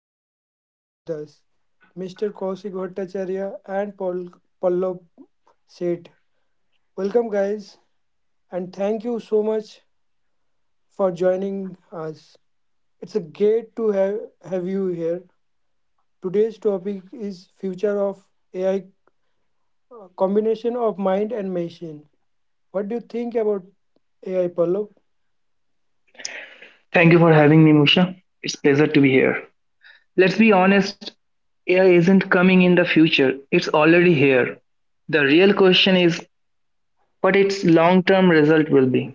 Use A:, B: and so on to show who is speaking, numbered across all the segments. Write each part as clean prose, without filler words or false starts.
A: special guest with us, Mr. Kaushik Bhattacharya and Paul Pallab Seth. Welcome guys and thank you so much for joining us. It's a great to have you here. Today's topic is future of AI, combination of mind and machine. What do you think about AI, Pallab?
B: Thank you for having me, Musha. It's pleasure to be here. Let's be honest, AI isn't coming in the future. It's already here. The real question is what its long-term result will be.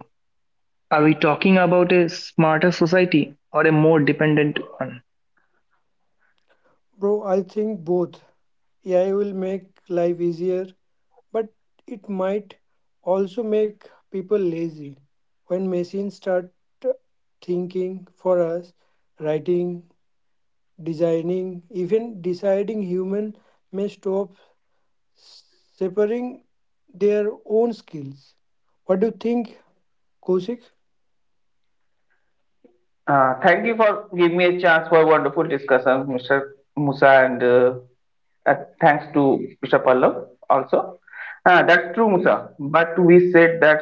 B: Are we talking about a smarter society or a more dependent one?
A: Bro, I think both. AI will make life easier, but it might also make people lazy. When machines start thinking for us, writing, designing, even deciding, human may stop separating their own skills. What do you think, Kosik?
C: Thank you for giving me a chance for a wonderful discussion, Mr. Musa, and uh, thanks to Mr. Pallav also. That's true, Musa, but we said that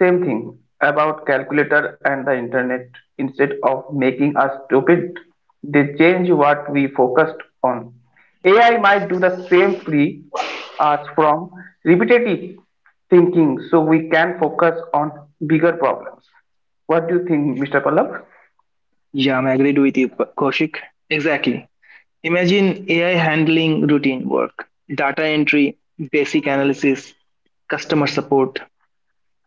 C: same thing about calculator and the internet. Instead of making us stupid, they change what we focused on. AI might do the same, free us from repetitive thinking so we can focus on bigger problems. What do you think, Mr. Pallav?
B: Yeah, I'm agreed with you, Kaushik. Exactly. Imagine AI handling routine work, data entry, basic analysis, customer support.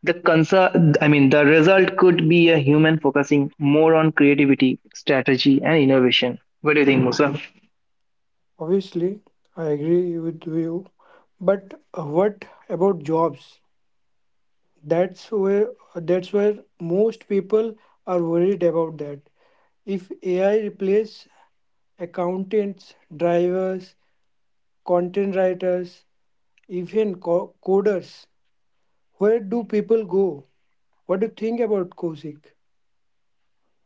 B: I mean, the result could be a human focusing more on creativity, strategy, and innovation. What do you think, Musa?
A: Obviously, I agree with you. But what about jobs? that's where that's where most people are worried about that. If ai replace accountants, drivers, content writers, even coders, where do people go? What do you think about, Kosik?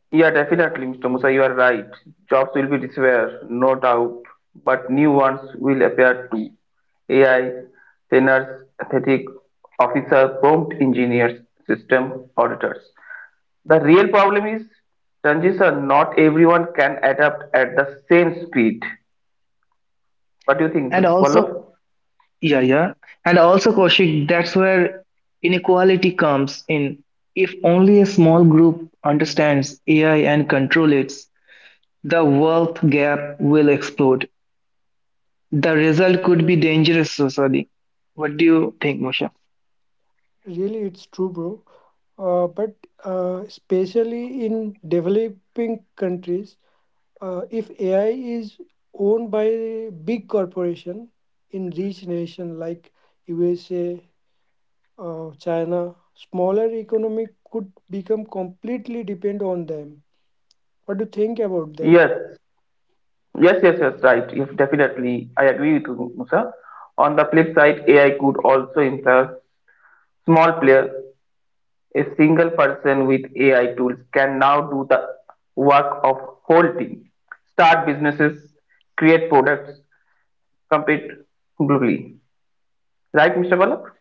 C: Yeah, definitely, Mr. Musa, you are right. Jobs will be disappear, no doubt, but new ones will appear too. AI, trainers, athletic officer, prompt engineers, system auditors. The real problem is transition, not everyone can adapt at the same speed. What do you think,
B: And
C: Mr. Vallabh?
B: also, yeah, yeah. And also, Kaushik, that's where inequality comes in. If only a small group understands AI and control it, the wealth gap will explode. The result could be dangerous society. What do you think, Moshe?
A: Really, it's true, bro. But especially in developing countries, if ai is owned by big corporation in rich nation like USA, China, smaller economy could become completely depend on them. What do you think about that?
C: Yes, yes, right. Yes, definitely, I agree with you, Musa. On the flip side, AI could also impair small players. A single person with AI tools can now do the work of whole team, start businesses, create products, compete globally. Right, Mr. Balak?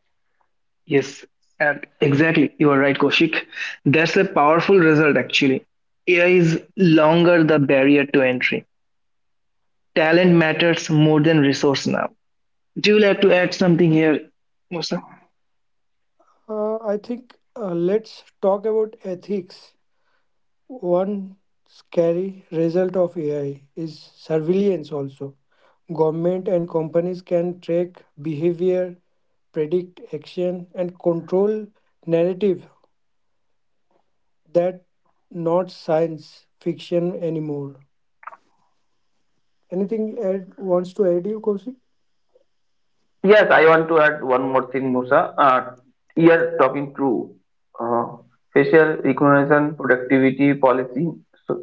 B: Yes, and exactly. You are right, Koshik. That's a powerful result, actually. AI is longer the barrier to entry. Talent matters more than resource now. Do you like to add something here, Musa?
A: I think, let's talk about ethics. One scary result of AI is surveillance also. Government and companies can track behavior, predict action, and control narrative. That not science fiction anymore. Anything add wants to add you, Kaushik?
C: Yes, I want to add one more thing, Musa. You are talking through uh, facial recognition, productivity policy, so,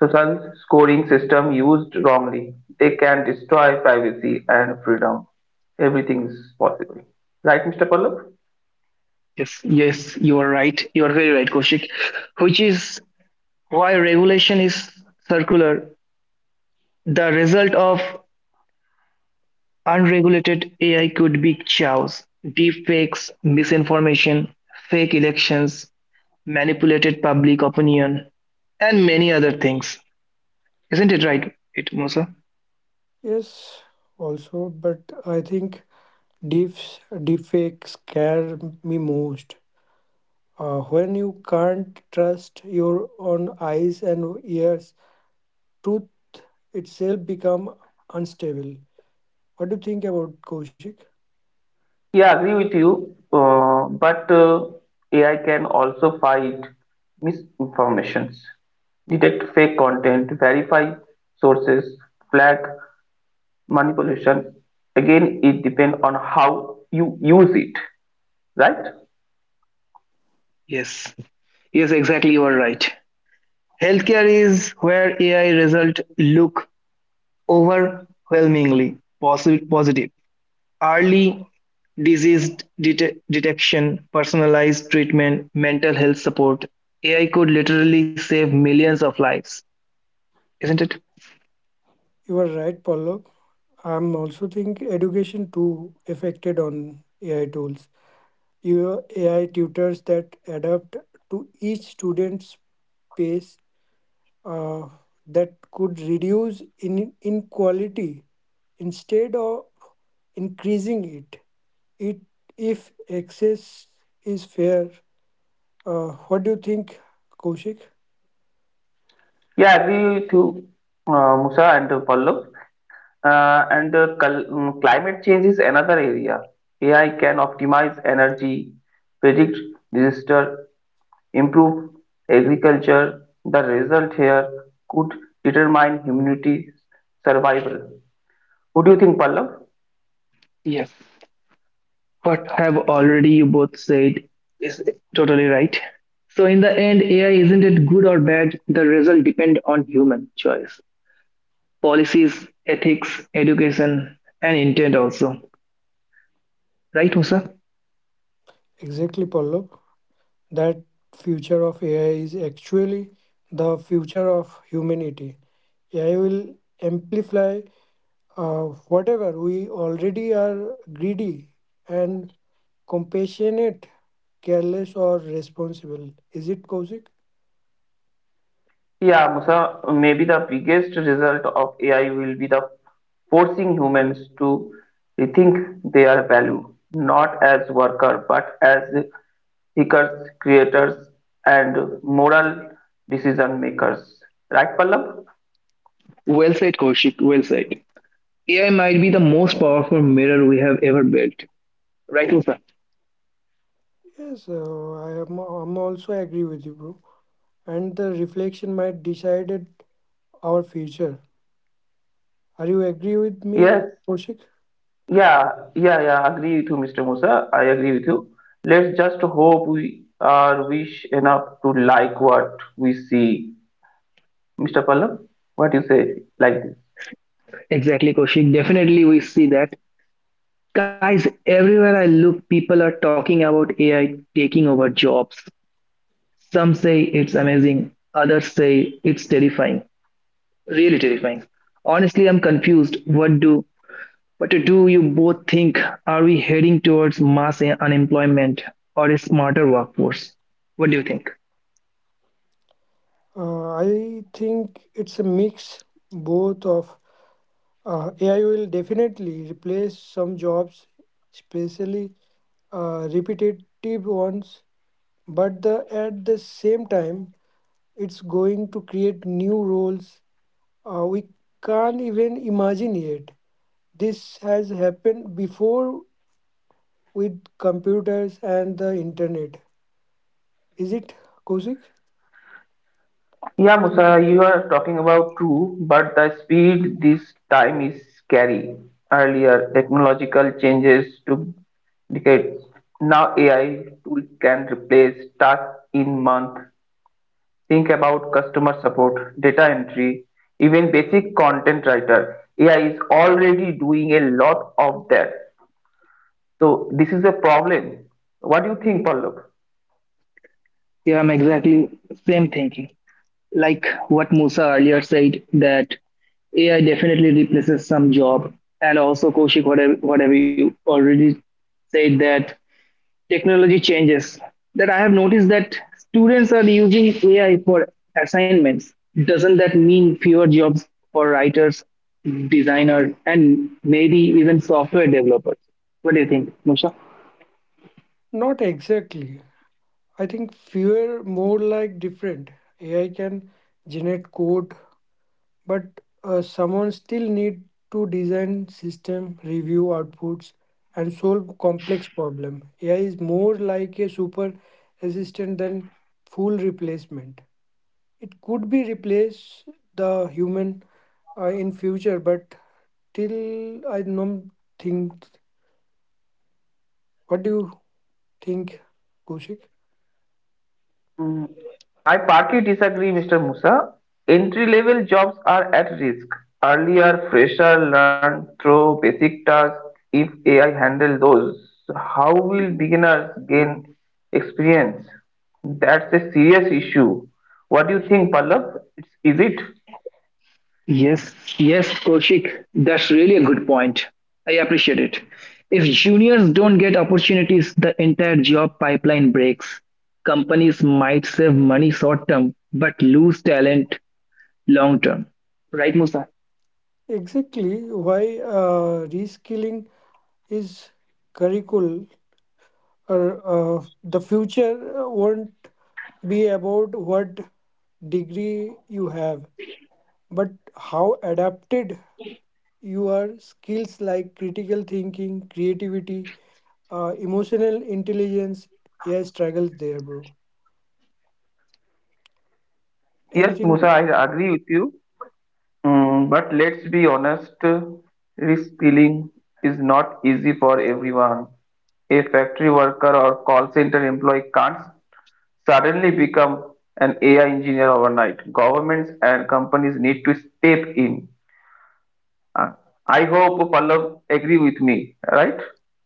C: social scoring system used wrongly. They can destroy privacy and freedom. Everything is possible. Right, Mr. Pallab?
B: Yes, yes, you are right. You are very right, Koshik. Which is why regulation is circular. The result of unregulated AI could be chaos, deep fakes, misinformation, fake elections, manipulated public opinion, and many other things. Isn't it right, it Mosa?
A: Yes, also, but I think deep deepfakes scare me most. When you can't trust your own eyes and ears, truth itself become unstable. What do you think about, Kaushik?
C: Yeah, agree with you. But AI can also fight misinformations, detect fake content, verify sources, flag manipulation. Again, it depends on how you use it, right?
B: Yes. Yes, exactly. You are right. Healthcare is where AI results look overwhelmingly positive. Early disease detection, personalized treatment, mental health support. AI could literally save millions of lives, isn't it?
A: You are right, Pallav. I'm also think education too affected on AI tools. Your AI tutors that adapt to each student's pace, uh, that could reduce in inequality instead of increasing it. It if access is fair. What do you think, Kaushik?
C: Yeah, agree with you, Musa and Pallab. Climate change is another area. AI can optimize energy, predict disaster, improve agriculture. The result here could determine humanity's survival. What do you think, Pallav?
B: Yeah. What have already you both said is totally right. So in the end, AI isn't it good or bad? The result depend on human choice, policies, ethics, education, and intent also. Right, Musa?
A: Exactly, Pallav. That future of AI is actually the future of humanity. AI will amplify, uh, whatever we already are: greedy and compassionate, careless, or responsible. Is it, Kaushik?
C: Yeah, Musa, maybe the biggest result of AI will be the forcing humans to rethink their value, not as worker, but as thinkers, creators, and moral decision makers. Right, Pallav?
B: Well said, Kaushik. Well said. AI might be the most powerful mirror we have ever built. Right, Musa?
A: Yes, I am. I'm also agree with you, bro. And the reflection might decided our future. Are you agree with me,
C: Yes,
A: Koshik?
C: yeah, yeah, agree with you, Mr. Musa. I agree with you. Let's just hope we are wish enough to like what we see. Mr. Pallav, what you say like this?
B: Exactly, Kaushik. Definitely, we see that. Guys, everywhere I look, people are talking about AI taking over jobs. Some say it's amazing, others say it's terrifying, really terrifying. Honestly, I'm confused. What to do you both think? Are we heading towards mass unemployment or a smarter workforce? What do you think?
A: I think it's a mix, both of, AI will definitely replace some jobs, especially repetitive ones. But at the same time, it's going to create new roles. We can't even imagine it. This has happened before with computers and the internet. Is it, Kosik?
C: Yeah, Musa, you are talking about true, but the speed this time is scary. Earlier, technological changes took decades. Now AI tool can replace tasks in month. Think about customer support, data entry, even basic content writer. AI is already doing a lot of that. So this is a problem. What do you think, Pallab?
B: Yeah, I'm exactly same thinking. Like what Musa earlier said that AI definitely replaces some job, and also Koshik, whatever you already said that technology changes, that I have noticed that students are using AI for assignments. Doesn't that mean fewer jobs for writers, designers, and maybe even software developers? What do you think, Musha?
A: Not exactly. I think fewer more like different. AI can generate code, but someone still need to design system, review outputs, and solve complex problem. AI is more like a super assistant than full replacement. It could be replace the human, in future, but till I don't think. What do you think, Kushik?
C: Mm, I partly disagree, Mr. Musa. Entry level jobs are at risk. Earlier, fresher learn through basic tasks. If AI handle those, how will beginners gain experience? That's a serious issue. What do you think, Pallab? Is it?
B: Yes, yes, Koshik, that's really a good point. I appreciate it. If juniors don't get opportunities, the entire job pipeline breaks. Companies might save money short term, but lose talent long term. Right, Musa?
A: Exactly why, reskilling is curriculum. Or the future won't be about what degree you have, but how adapted your skills like critical thinking, creativity, emotional intelligence. Yeah, struggles there, bro.
C: Yes,
A: Anything?
C: Musa, I agree with you. Mm, but let's be honest, reskilling is not easy for everyone. A factory worker or call center employee can't suddenly become an AI engineer overnight. Governments and companies need to step in. Uh, I hope Pallav agree with me, right?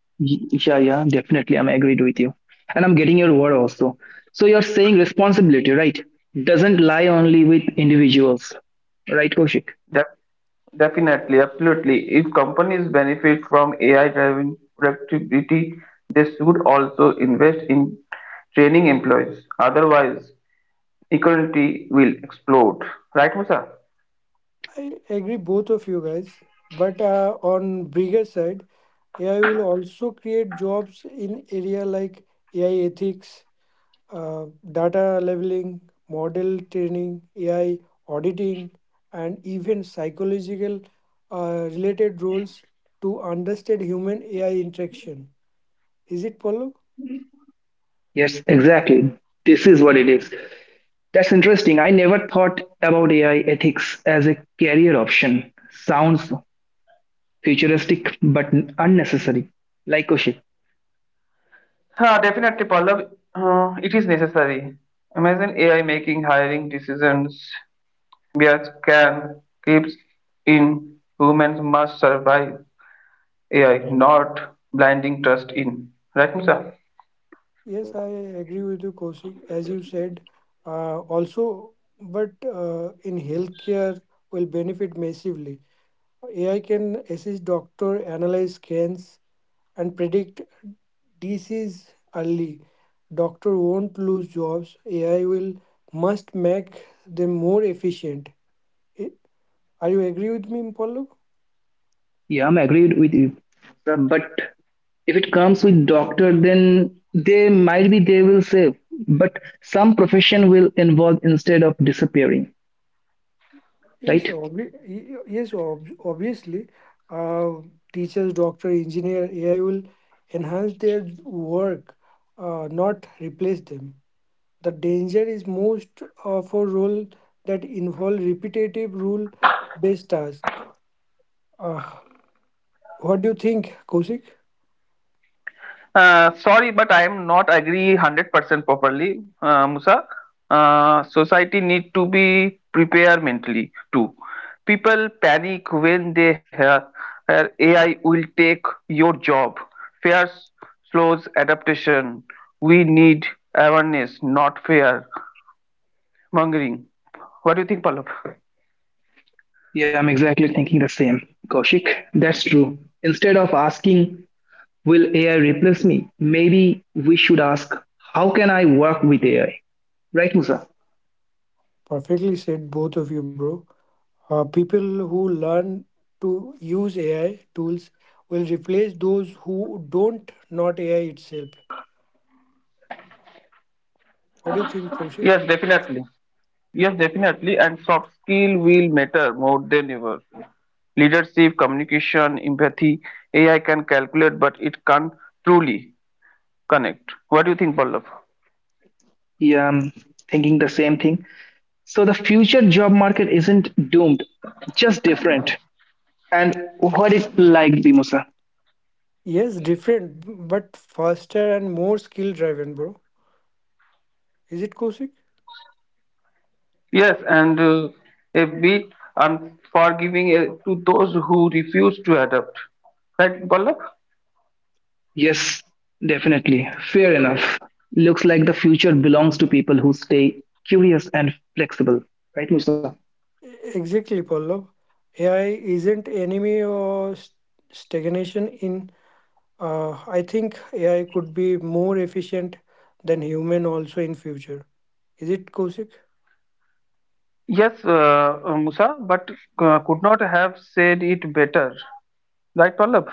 B: Yeah, yeah, definitely. I'm agreed with you. And I'm getting your word also. So you're saying responsibility, right? Doesn't lie only with individuals, right, Koshik?
C: Def- Definitely, absolutely. If companies benefit from AI-driven productivity, they should also invest in training employees. Otherwise, equality will explode. Right, Musa?
A: I agree, both of you guys. But on bigger side, AI will also create jobs in area like AI ethics, uh, data leveling, model training, AI auditing, and even psychological, related roles to understand human AI interaction. Is it, Paulo?
B: Yes, exactly. This is what it is. That's interesting. I never thought about AI ethics as a career option. Sounds futuristic but unnecessary. Like Koshik.
C: Definitely, Pallav. It is necessary. Imagine AI making hiring decisions via can keeps in humans must survive AI, not blinding trust in. Right, Musa?
A: Yes, I agree with you, Kaushik. As you said, also, but in healthcare will benefit massively. AI can assist doctor, analyze scans, and predict disease early. Doctor won't lose jobs. AI will must make them more efficient. I- Are you agree with me, Pallav?
B: Yeah, I'm agreed with you. But if it comes with doctor, then they might be they will save, but some profession will involve instead of disappearing,
A: Yes,
B: right?
A: obviously, uh, teachers, doctor, engineer, AI will enhance their work, not replace them. The danger is most of for role that involve repetitive rule-based tasks. Uh, what do you think, Kosik?
C: Sorry, but I am not agree 100% properly, Musa. Society need to be prepared mentally too. People panic when they hear AI will take your job. Fear slows adaptation. We need awareness, not fear mongering. What do you think, Pallab?
B: Yeah, I'm exactly thinking the same, Kaushik. That's true. Instead of asking, will AI replace me? Maybe we should ask, how can I work with AI? Right, Musa?
A: Perfectly said, both of you, bro. People who learn to use AI tools will replace those who don't, not AI itself. What do you think, Kosik?
C: Yes, definitely. Yes, definitely. And soft skill will matter more than ever. Leadership, communication, empathy, AI can calculate, but it can't truly connect. What do you think, Pallav?
B: Yeah, I'm thinking the same thing. So the future job market isn't doomed, just different. And what it like be, Musa?
A: Yes, different, but faster and more skill driven, bro. Is it, Kosik?
C: Yes, and a bit unforgiving to those who refuse to adapt. Right, Pallav?
B: Yes, definitely. Fair enough. Looks like the future belongs to people who stay curious and flexible. Right, Musa?
A: Exactly, Pallav. AI isn't enemy or stagnation in. I think AI could be more efficient than human also in future. Is it, Kosik?
C: Yes, Musa, but could not have said it better. Right, Pallav?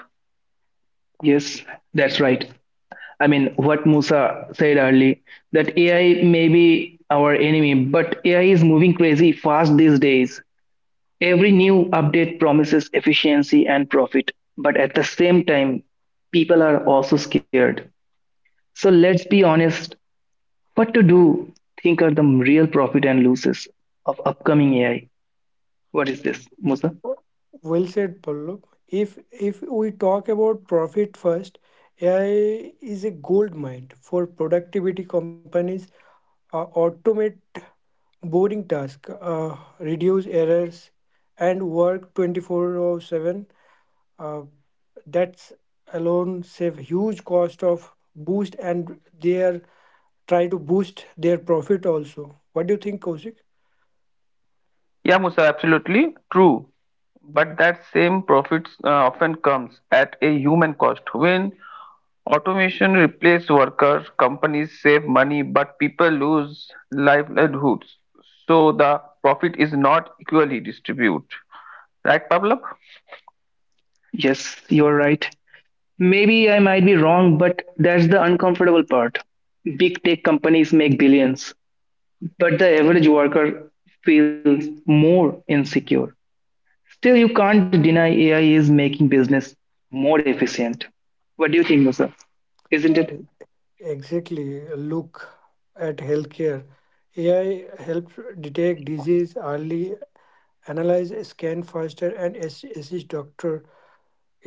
B: Yes, that's right. I mean, what Musa said earlier, that AI may be our enemy, but AI is moving crazy fast these days. Every new update promises efficiency and profit, but at the same time, people are also scared. So let's be honest, what to do? Think are the real profit and losses of upcoming AI. What is this, Musa?
A: Well said, Pallav. If we talk about profit first, AI is a gold mine for productivity companies. Automate boring task, reduce errors, and work 24/7. Uh, that's alone save huge cost of boost, and they are try to boost their profit also. What do you think, Kaushik?
C: Yeah, Musa, absolutely true. But that same profits often comes at a human cost. When automation replaces workers, companies save money, but people lose livelihoods. So the profit is not equally distributed. Right, Pavlov?
B: Yes, you're right. Maybe I might be wrong, but that's the uncomfortable part. Big tech companies make billions, but the average worker feels more insecure. Still, you can't deny AI is making business more efficient. What do you think, Musa? Isn't it?
A: Exactly. Look at healthcare. AI helps detect disease early, analyze scan faster, and assist doctor.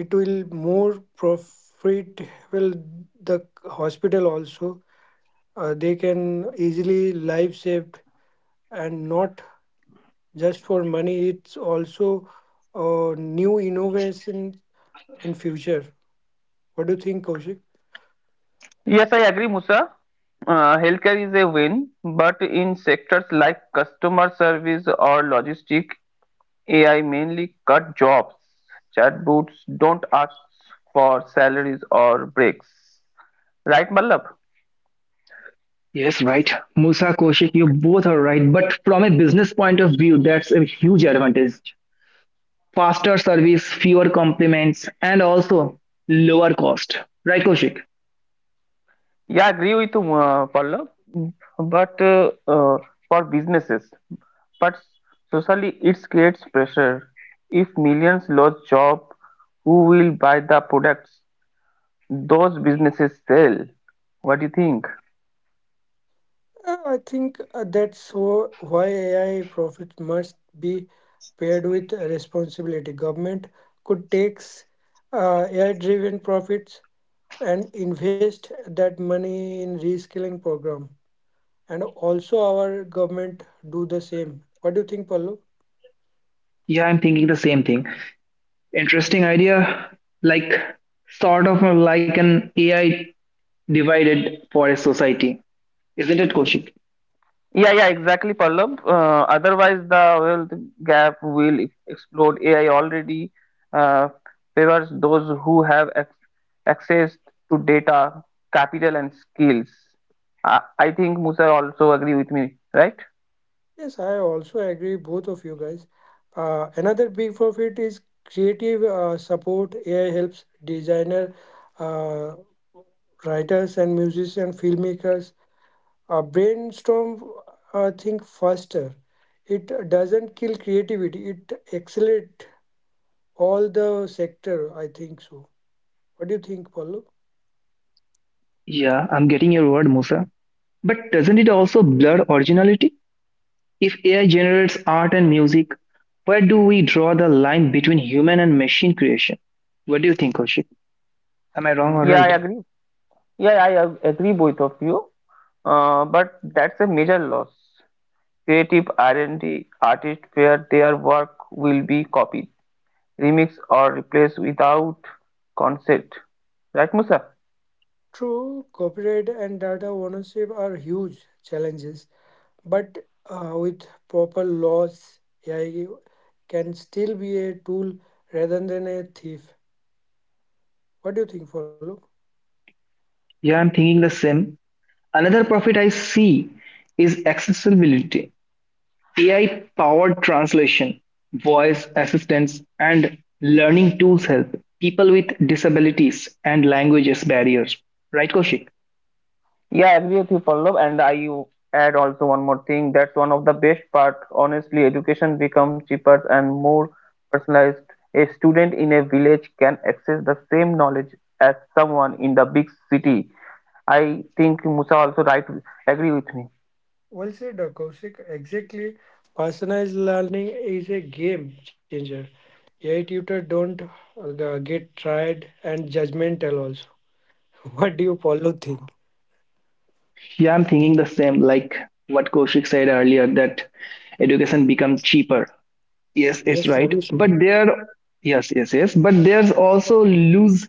A: It will more profit will the hospital also. They can easily life saved, and not just for money, it's also a new innovation in future. What do you think, Kaushik?
C: Yes, I agree, Musa. Healthcare is a win, but in sectors like customer service or logistic, AI mainly cut jobs. Chatbots don't ask for salaries or breaks. Right, Mallab?
B: Yes, right. Musa, Koshik, you both are right. But from a business point of view, that's a huge advantage. Faster service, fewer compliments, and also lower cost. Right, Koshik?
C: Yeah, I agree with you, Pallav. Mm. But For businesses, but socially, it creates pressure. If millions lose job, who will buy the products those businesses sell? What do you think?
A: I think, that's why AI profit must be paired with responsibility. Government could take AI-driven profits and invest that money in reskilling program. And also our government do the same. What do you think, pallav?
B: Yeah, I'm thinking the same thing. Interesting idea, like sort of like an AI divided for a society, isn't it, Koshik?
C: Yeah, exactly, Pallav. Otherwise, the wealth gap will explode. AI already uh, favors those who have ac access to data, capital, and skills. I think Musa also agree with me, right?
A: Yes, I also agree, both of you guys. Another big profit is creative, support. ai helps designer, uh, writers and musicians, filmmakers, brainstorm, think faster. It doesn't kill creativity, it accelerates all the sector, I think so. What do you think, Paulo?
B: Yeah, I'm getting your word, Musa. But doesn't it also blur originality? If AI generates art and music, where do we draw the line between human and machine creation? What do you think, Koshik? Am I wrong or
C: Yeah, I
B: right?
C: agree. Yeah, I agree both of you. But that's a major loss. Creative R&D artists where their work will be copied, remixed, or replaced without consent, right, Musa?
A: True, copyright and data ownership are huge challenges, but with proper laws, AI can still be a tool rather than a thief. What do you think, Follow?
B: Yeah, I'm thinking the same. Another profit I see is accessibility. AI powered translation, voice assistance, and learning tools help people with disabilities and languages barriers. Right, Koshik?
C: Yeah, I agree with you, Pallav. And I add also one more thing. That's one of the best part. Honestly, education becomes cheaper and more personalized. A student in a village can access the same knowledge as someone in the big city. I think Musa also right agree with me.
A: Well said, Kaushik. Exactly. Personalized learning is a game changer. AI tutor don't get tried and judgmental also. What do you, Follow, think?
B: Yeah, I'm thinking the same, like what Koshik said earlier, that education become cheaper. Yes, it's
A: Yes,
B: right.
A: obviously.
B: Yes, yes, yes. But there's also lose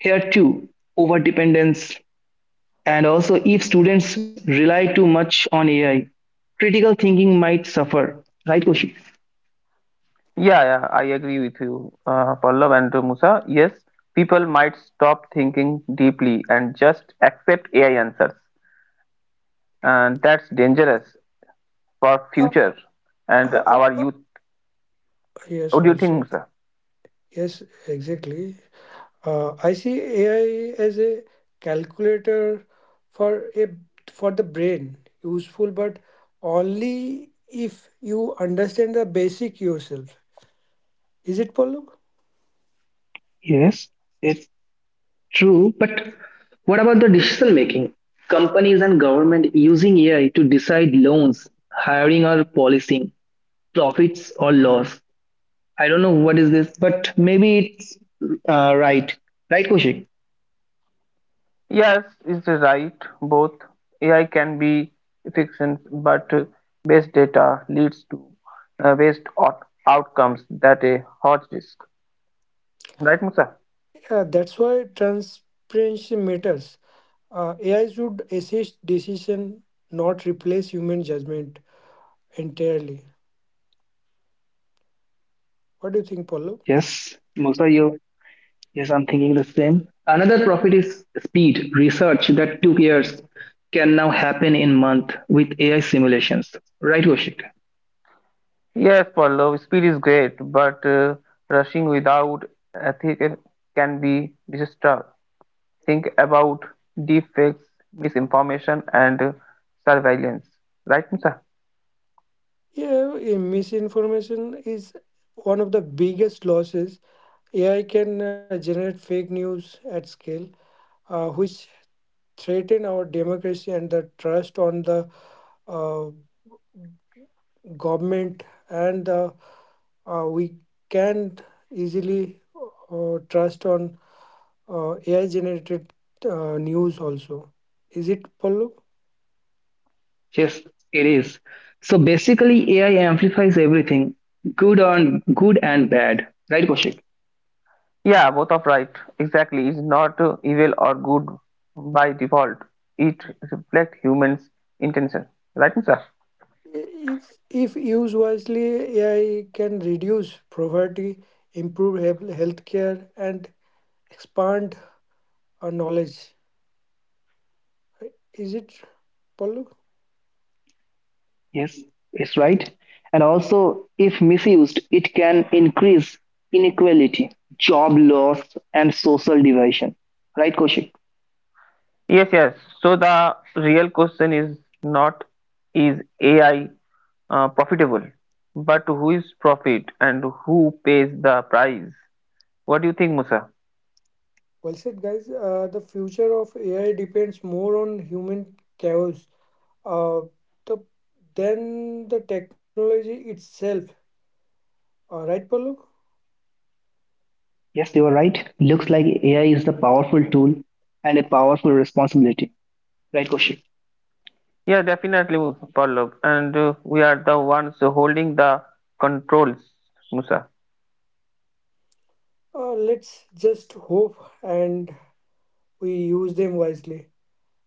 B: here too, overdependence. And also, if students rely too much on AI, critical thinking might suffer. Right, Koshi?
C: Yeah, I agree with you, Pallav and Musa. Yes, people might stop thinking deeply and just accept AI answers, and that's dangerous for
A: Uh,
C: future
A: uh,
C: and
A: uh,
C: our
A: uh,
C: youth.
A: yes,
C: What do you
A: also.
C: think, sir?
A: Yes, exactly. I see AI as a calculator for a for the brain, useful but only if you understand the basic yourself. Is it, Paulo?
B: Yes, it's true. But what about the decision making? Companies and government using AI to decide loans, hiring or policing, profits or loss. I don't know what is this, but maybe it's right. Right, Koshi?
C: Yes, it's right. Both AI can be efficient, but waste data leads to waste outcomes that a hot disk. Right, Musa?
A: Yeah, that's why transparency matters. AI should assist decision, not replace human judgment entirely. What do you think, Paulo?
B: Yes, Musa, your Yes, I'm thinking the same. Another profit is speed. Research that took years can now happen in month with AI simulations. Right, Koshik?
C: Yes, Pallav, speed is great, but rushing without ethics can be disastrous. Think about deepfakes, misinformation, and surveillance. Right, Musa?
A: Yeah, misinformation is one of the biggest losses. AI can generate fake news at scale, which threaten our democracy and the trust on the uh, government, and we can easily trust on AI generated news also. Is it, Pallav?
B: Yes, it is. So basically, AI amplifies everything, good and bad. Right, Koshik?
C: Yeah, both are right. Exactly. It's not evil or good by default. It reflects humans' intention. Right, sir?
A: If used wisely, AI can reduce poverty, improve healthcare, and expand our knowledge. Is it, Pallav?
B: Yes, it's right. And also, if misused, it can increase inequality, job loss, and social division. Right, Koshik?
C: Yes, yes. So the real question is not is AI profitable, but who is profit and who pays the price? What do you think, Musa?
A: Well said, guys. The future of AI depends more on human chaos, uh, the, than the technology itself. Right, Pallav?
B: Yes, you are right. Looks like AI is a powerful tool and a powerful responsibility. Right, Kaushik?
C: Yeah, definitely, Pallav. And we are the ones holding the controls, Musa.
A: Let's just hope and we use them wisely.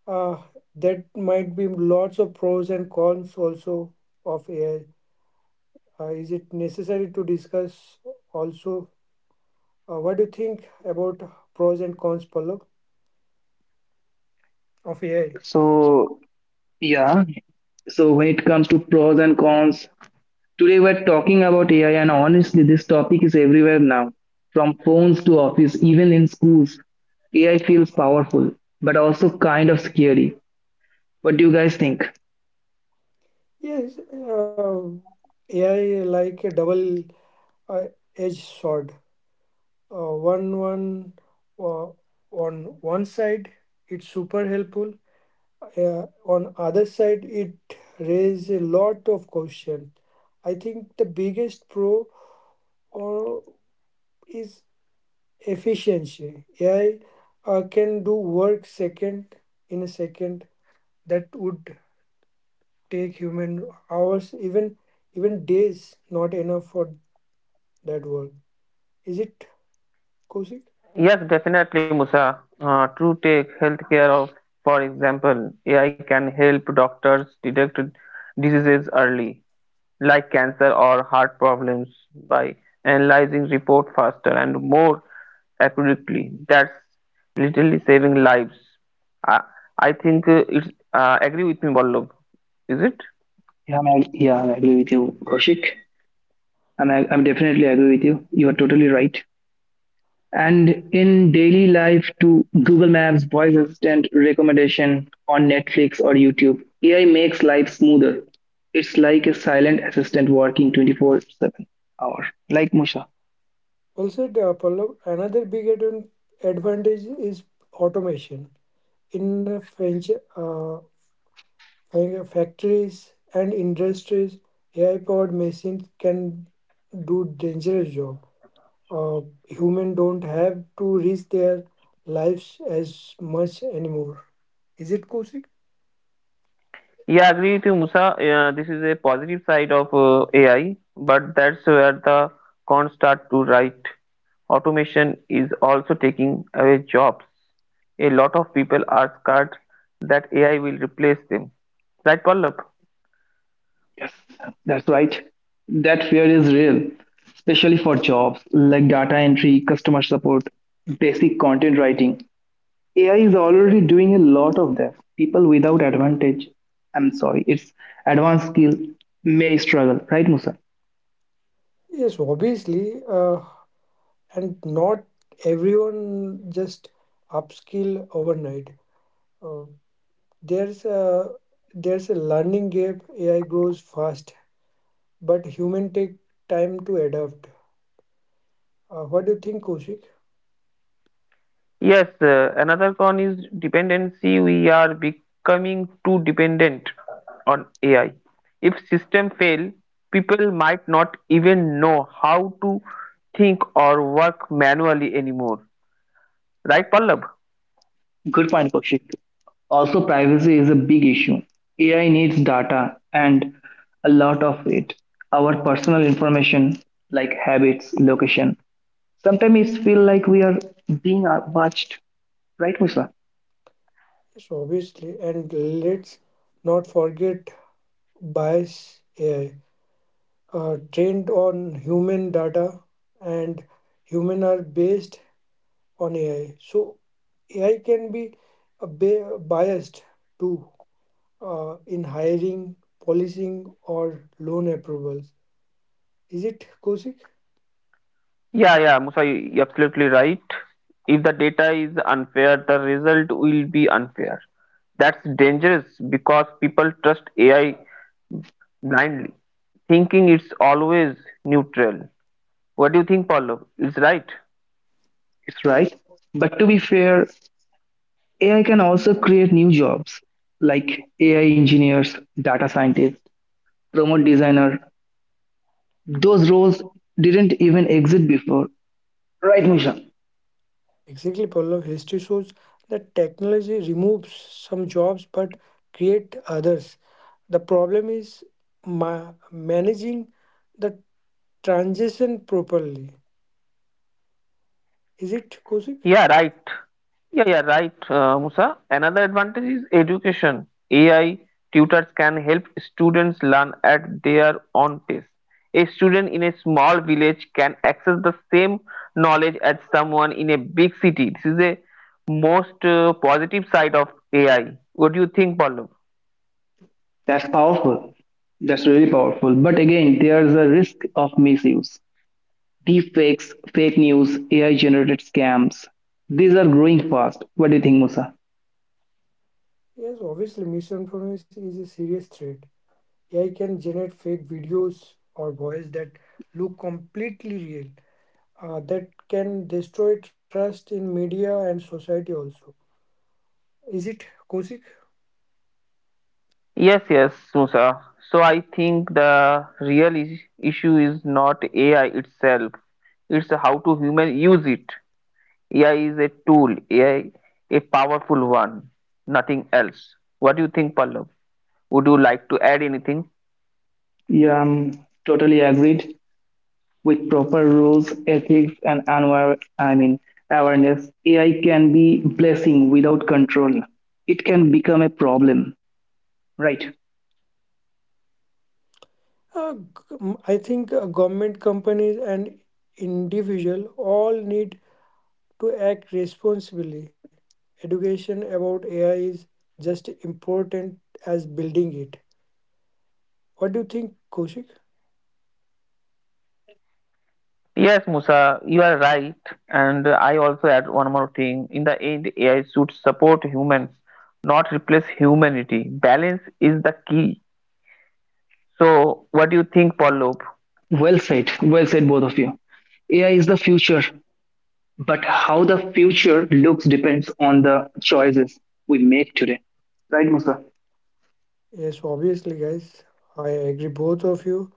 A: Uh, that might be lots of pros and cons also of AI. Is it necessary to discuss also? What do you think about pros and cons, Pallav, of AI?
B: So, yeah. So, when it comes to pros and cons, today we're talking about AI, and honestly, this topic is everywhere now, from phones to office, even in schools. AI feels powerful, but also kind of scary. What do you guys think?
A: Yes, AI like a double, uh, edged sword. One one uh, on one side it's super helpful. On other side, it raises a lot of questions. I think the biggest pro, uh, is efficiency. AI, can do work second in a second, that would take human hours, even days not enough for that work. Is it, Kosik?
C: Yes, definitely, Musa. To take healthcare of, for example, AI can help doctors detect diseases early, like cancer or heart problems, by analyzing report faster and more accurately. That's literally saving lives. I, I think it's agree with me, Vallabh. Is it?
B: Yeah, yeah, I agree with you, Kaushik. I'm definitely agree with you. You are totally right. And in daily life to Google Maps, voice assistant recommendation on Netflix or YouTube, AI makes life smoother. It's like a silent assistant working 24/7 hour. Like Musha.
A: Well said, Pallav. Another big advantage is automation in the French, uh, factories and industries. AI-powered machines can do dangerous job. Uh, Human don't have to risk their lives as much anymore. Is it, Kosik?
C: Yeah, I agree with you, Musa. Yeah, this is a positive side of AI, but that's where the cons start to write. Automation is also taking away jobs. A lot of people are scared that AI will replace them. Right, Pallab?
B: Yes, that's right. That fear is real, especially for jobs like data entry, customer support, basic content writing. AI is already doing a lot of that. People without advantage, I'm sorry, it's advanced skill, may struggle, right, Musa?
A: Yes, obviously, and not everyone just upskill overnight. Uh, There's a there's a learning gap. AI grows fast, but human take time to adapt. What do you think, Kaushik?
C: Yes, another con is dependency. We are becoming too dependent on AI. If system fail, people might not even know how to think or work manually anymore. Right, Pallab?
B: Good point, Kaushik. Also, privacy is a big issue. AI needs data and a lot of it. Our personal information, like habits, location. Sometimes it feel like we are being watched, right, Musa?
A: Yes, obviously, and let's not forget bias AI, trained on human data, and human are based on AI. So AI can be a biased too, in hiring, policing, or loan approvals. Is it, Kaushik?
C: Yeah, Musa, you're absolutely right. If the data is unfair, the result will be unfair. That's dangerous because people trust AI blindly, thinking it's always neutral. What do you think, Pallab? It's right.
B: It's right. But to be fair, AI can also create new jobs like AI engineers, data scientists, remote designer. Those roles didn't even exist before, right, Musha?
A: Exactly, Pallav. History shows that technology removes some jobs but create others. The problem is managing the transition properly. Is it, Kosik?
C: Yeah, right. Yeah, right, Musa. Another advantage is education. AI tutors can help students learn at their own pace. A student in a small village can access the same knowledge as someone in a big city. This is a most positive side of AI. What do you think, Pallav?
B: That's powerful. That's really powerful. But again, there's a risk of misuse. Deepfakes, fake news, AI generated scams. These are growing fast. What do you think, Musa?
A: Yes, obviously, misinformation is a serious threat. AI can generate fake videos or voice that look completely real. That can destroy trust in media and society also. Is it, Kosik?
C: Yes, Musa. So I think the real issue is not AI itself, it's how to human use it. AI is a tool, AI a powerful one, nothing else. What do you think, Pallav? Would you like to add anything?
B: Yeah, I'm totally agreed. With proper rules, ethics, and I mean awareness, AI can be blessing without control. It can become a problem. Right.
A: I think, government, companies, and individual all need to act responsibly. Education about AI is just important as building it. What do you think, Koshik?
C: Yes, Musa, you are right. And I also add one more thing. In the end, AI should support humans, not replace humanity. Balance is the key. So, what do you think, Pallav?
B: Well said. Well said, both of you. AI is the future, but how the future looks depends on the choices we make today, right, Musa?
A: Yes, obviously, guys. I agree, both of you,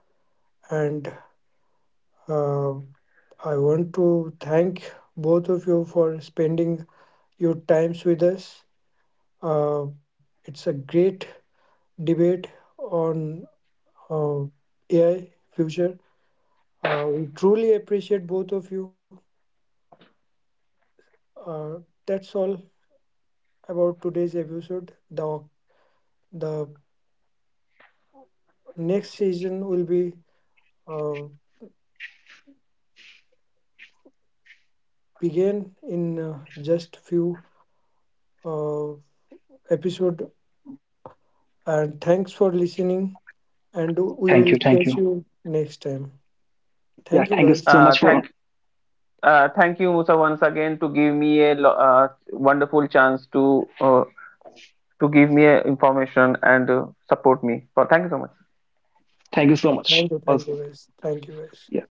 A: and uh, I want to thank both of you for spending your times with us. Uh, it's a great debate on, uh, AI future. We truly appreciate both of you. Uh, that's all about today's episode. The next season will be, uh, begin in, just few, uh, episode. And thanks for listening. And we will
B: Thank you,
A: catch
B: thank you.
A: you next time. Thank you
B: Yeah,
A: guys.
C: Uh, thank, Thank you, Musa, once again to give me a wonderful chance to give me a information and support me. So, thank you so much.
B: thank you so
A: Thank
B: much
A: you. Thank you
B: also.
A: guys. Thank you guys.
B: Yeah.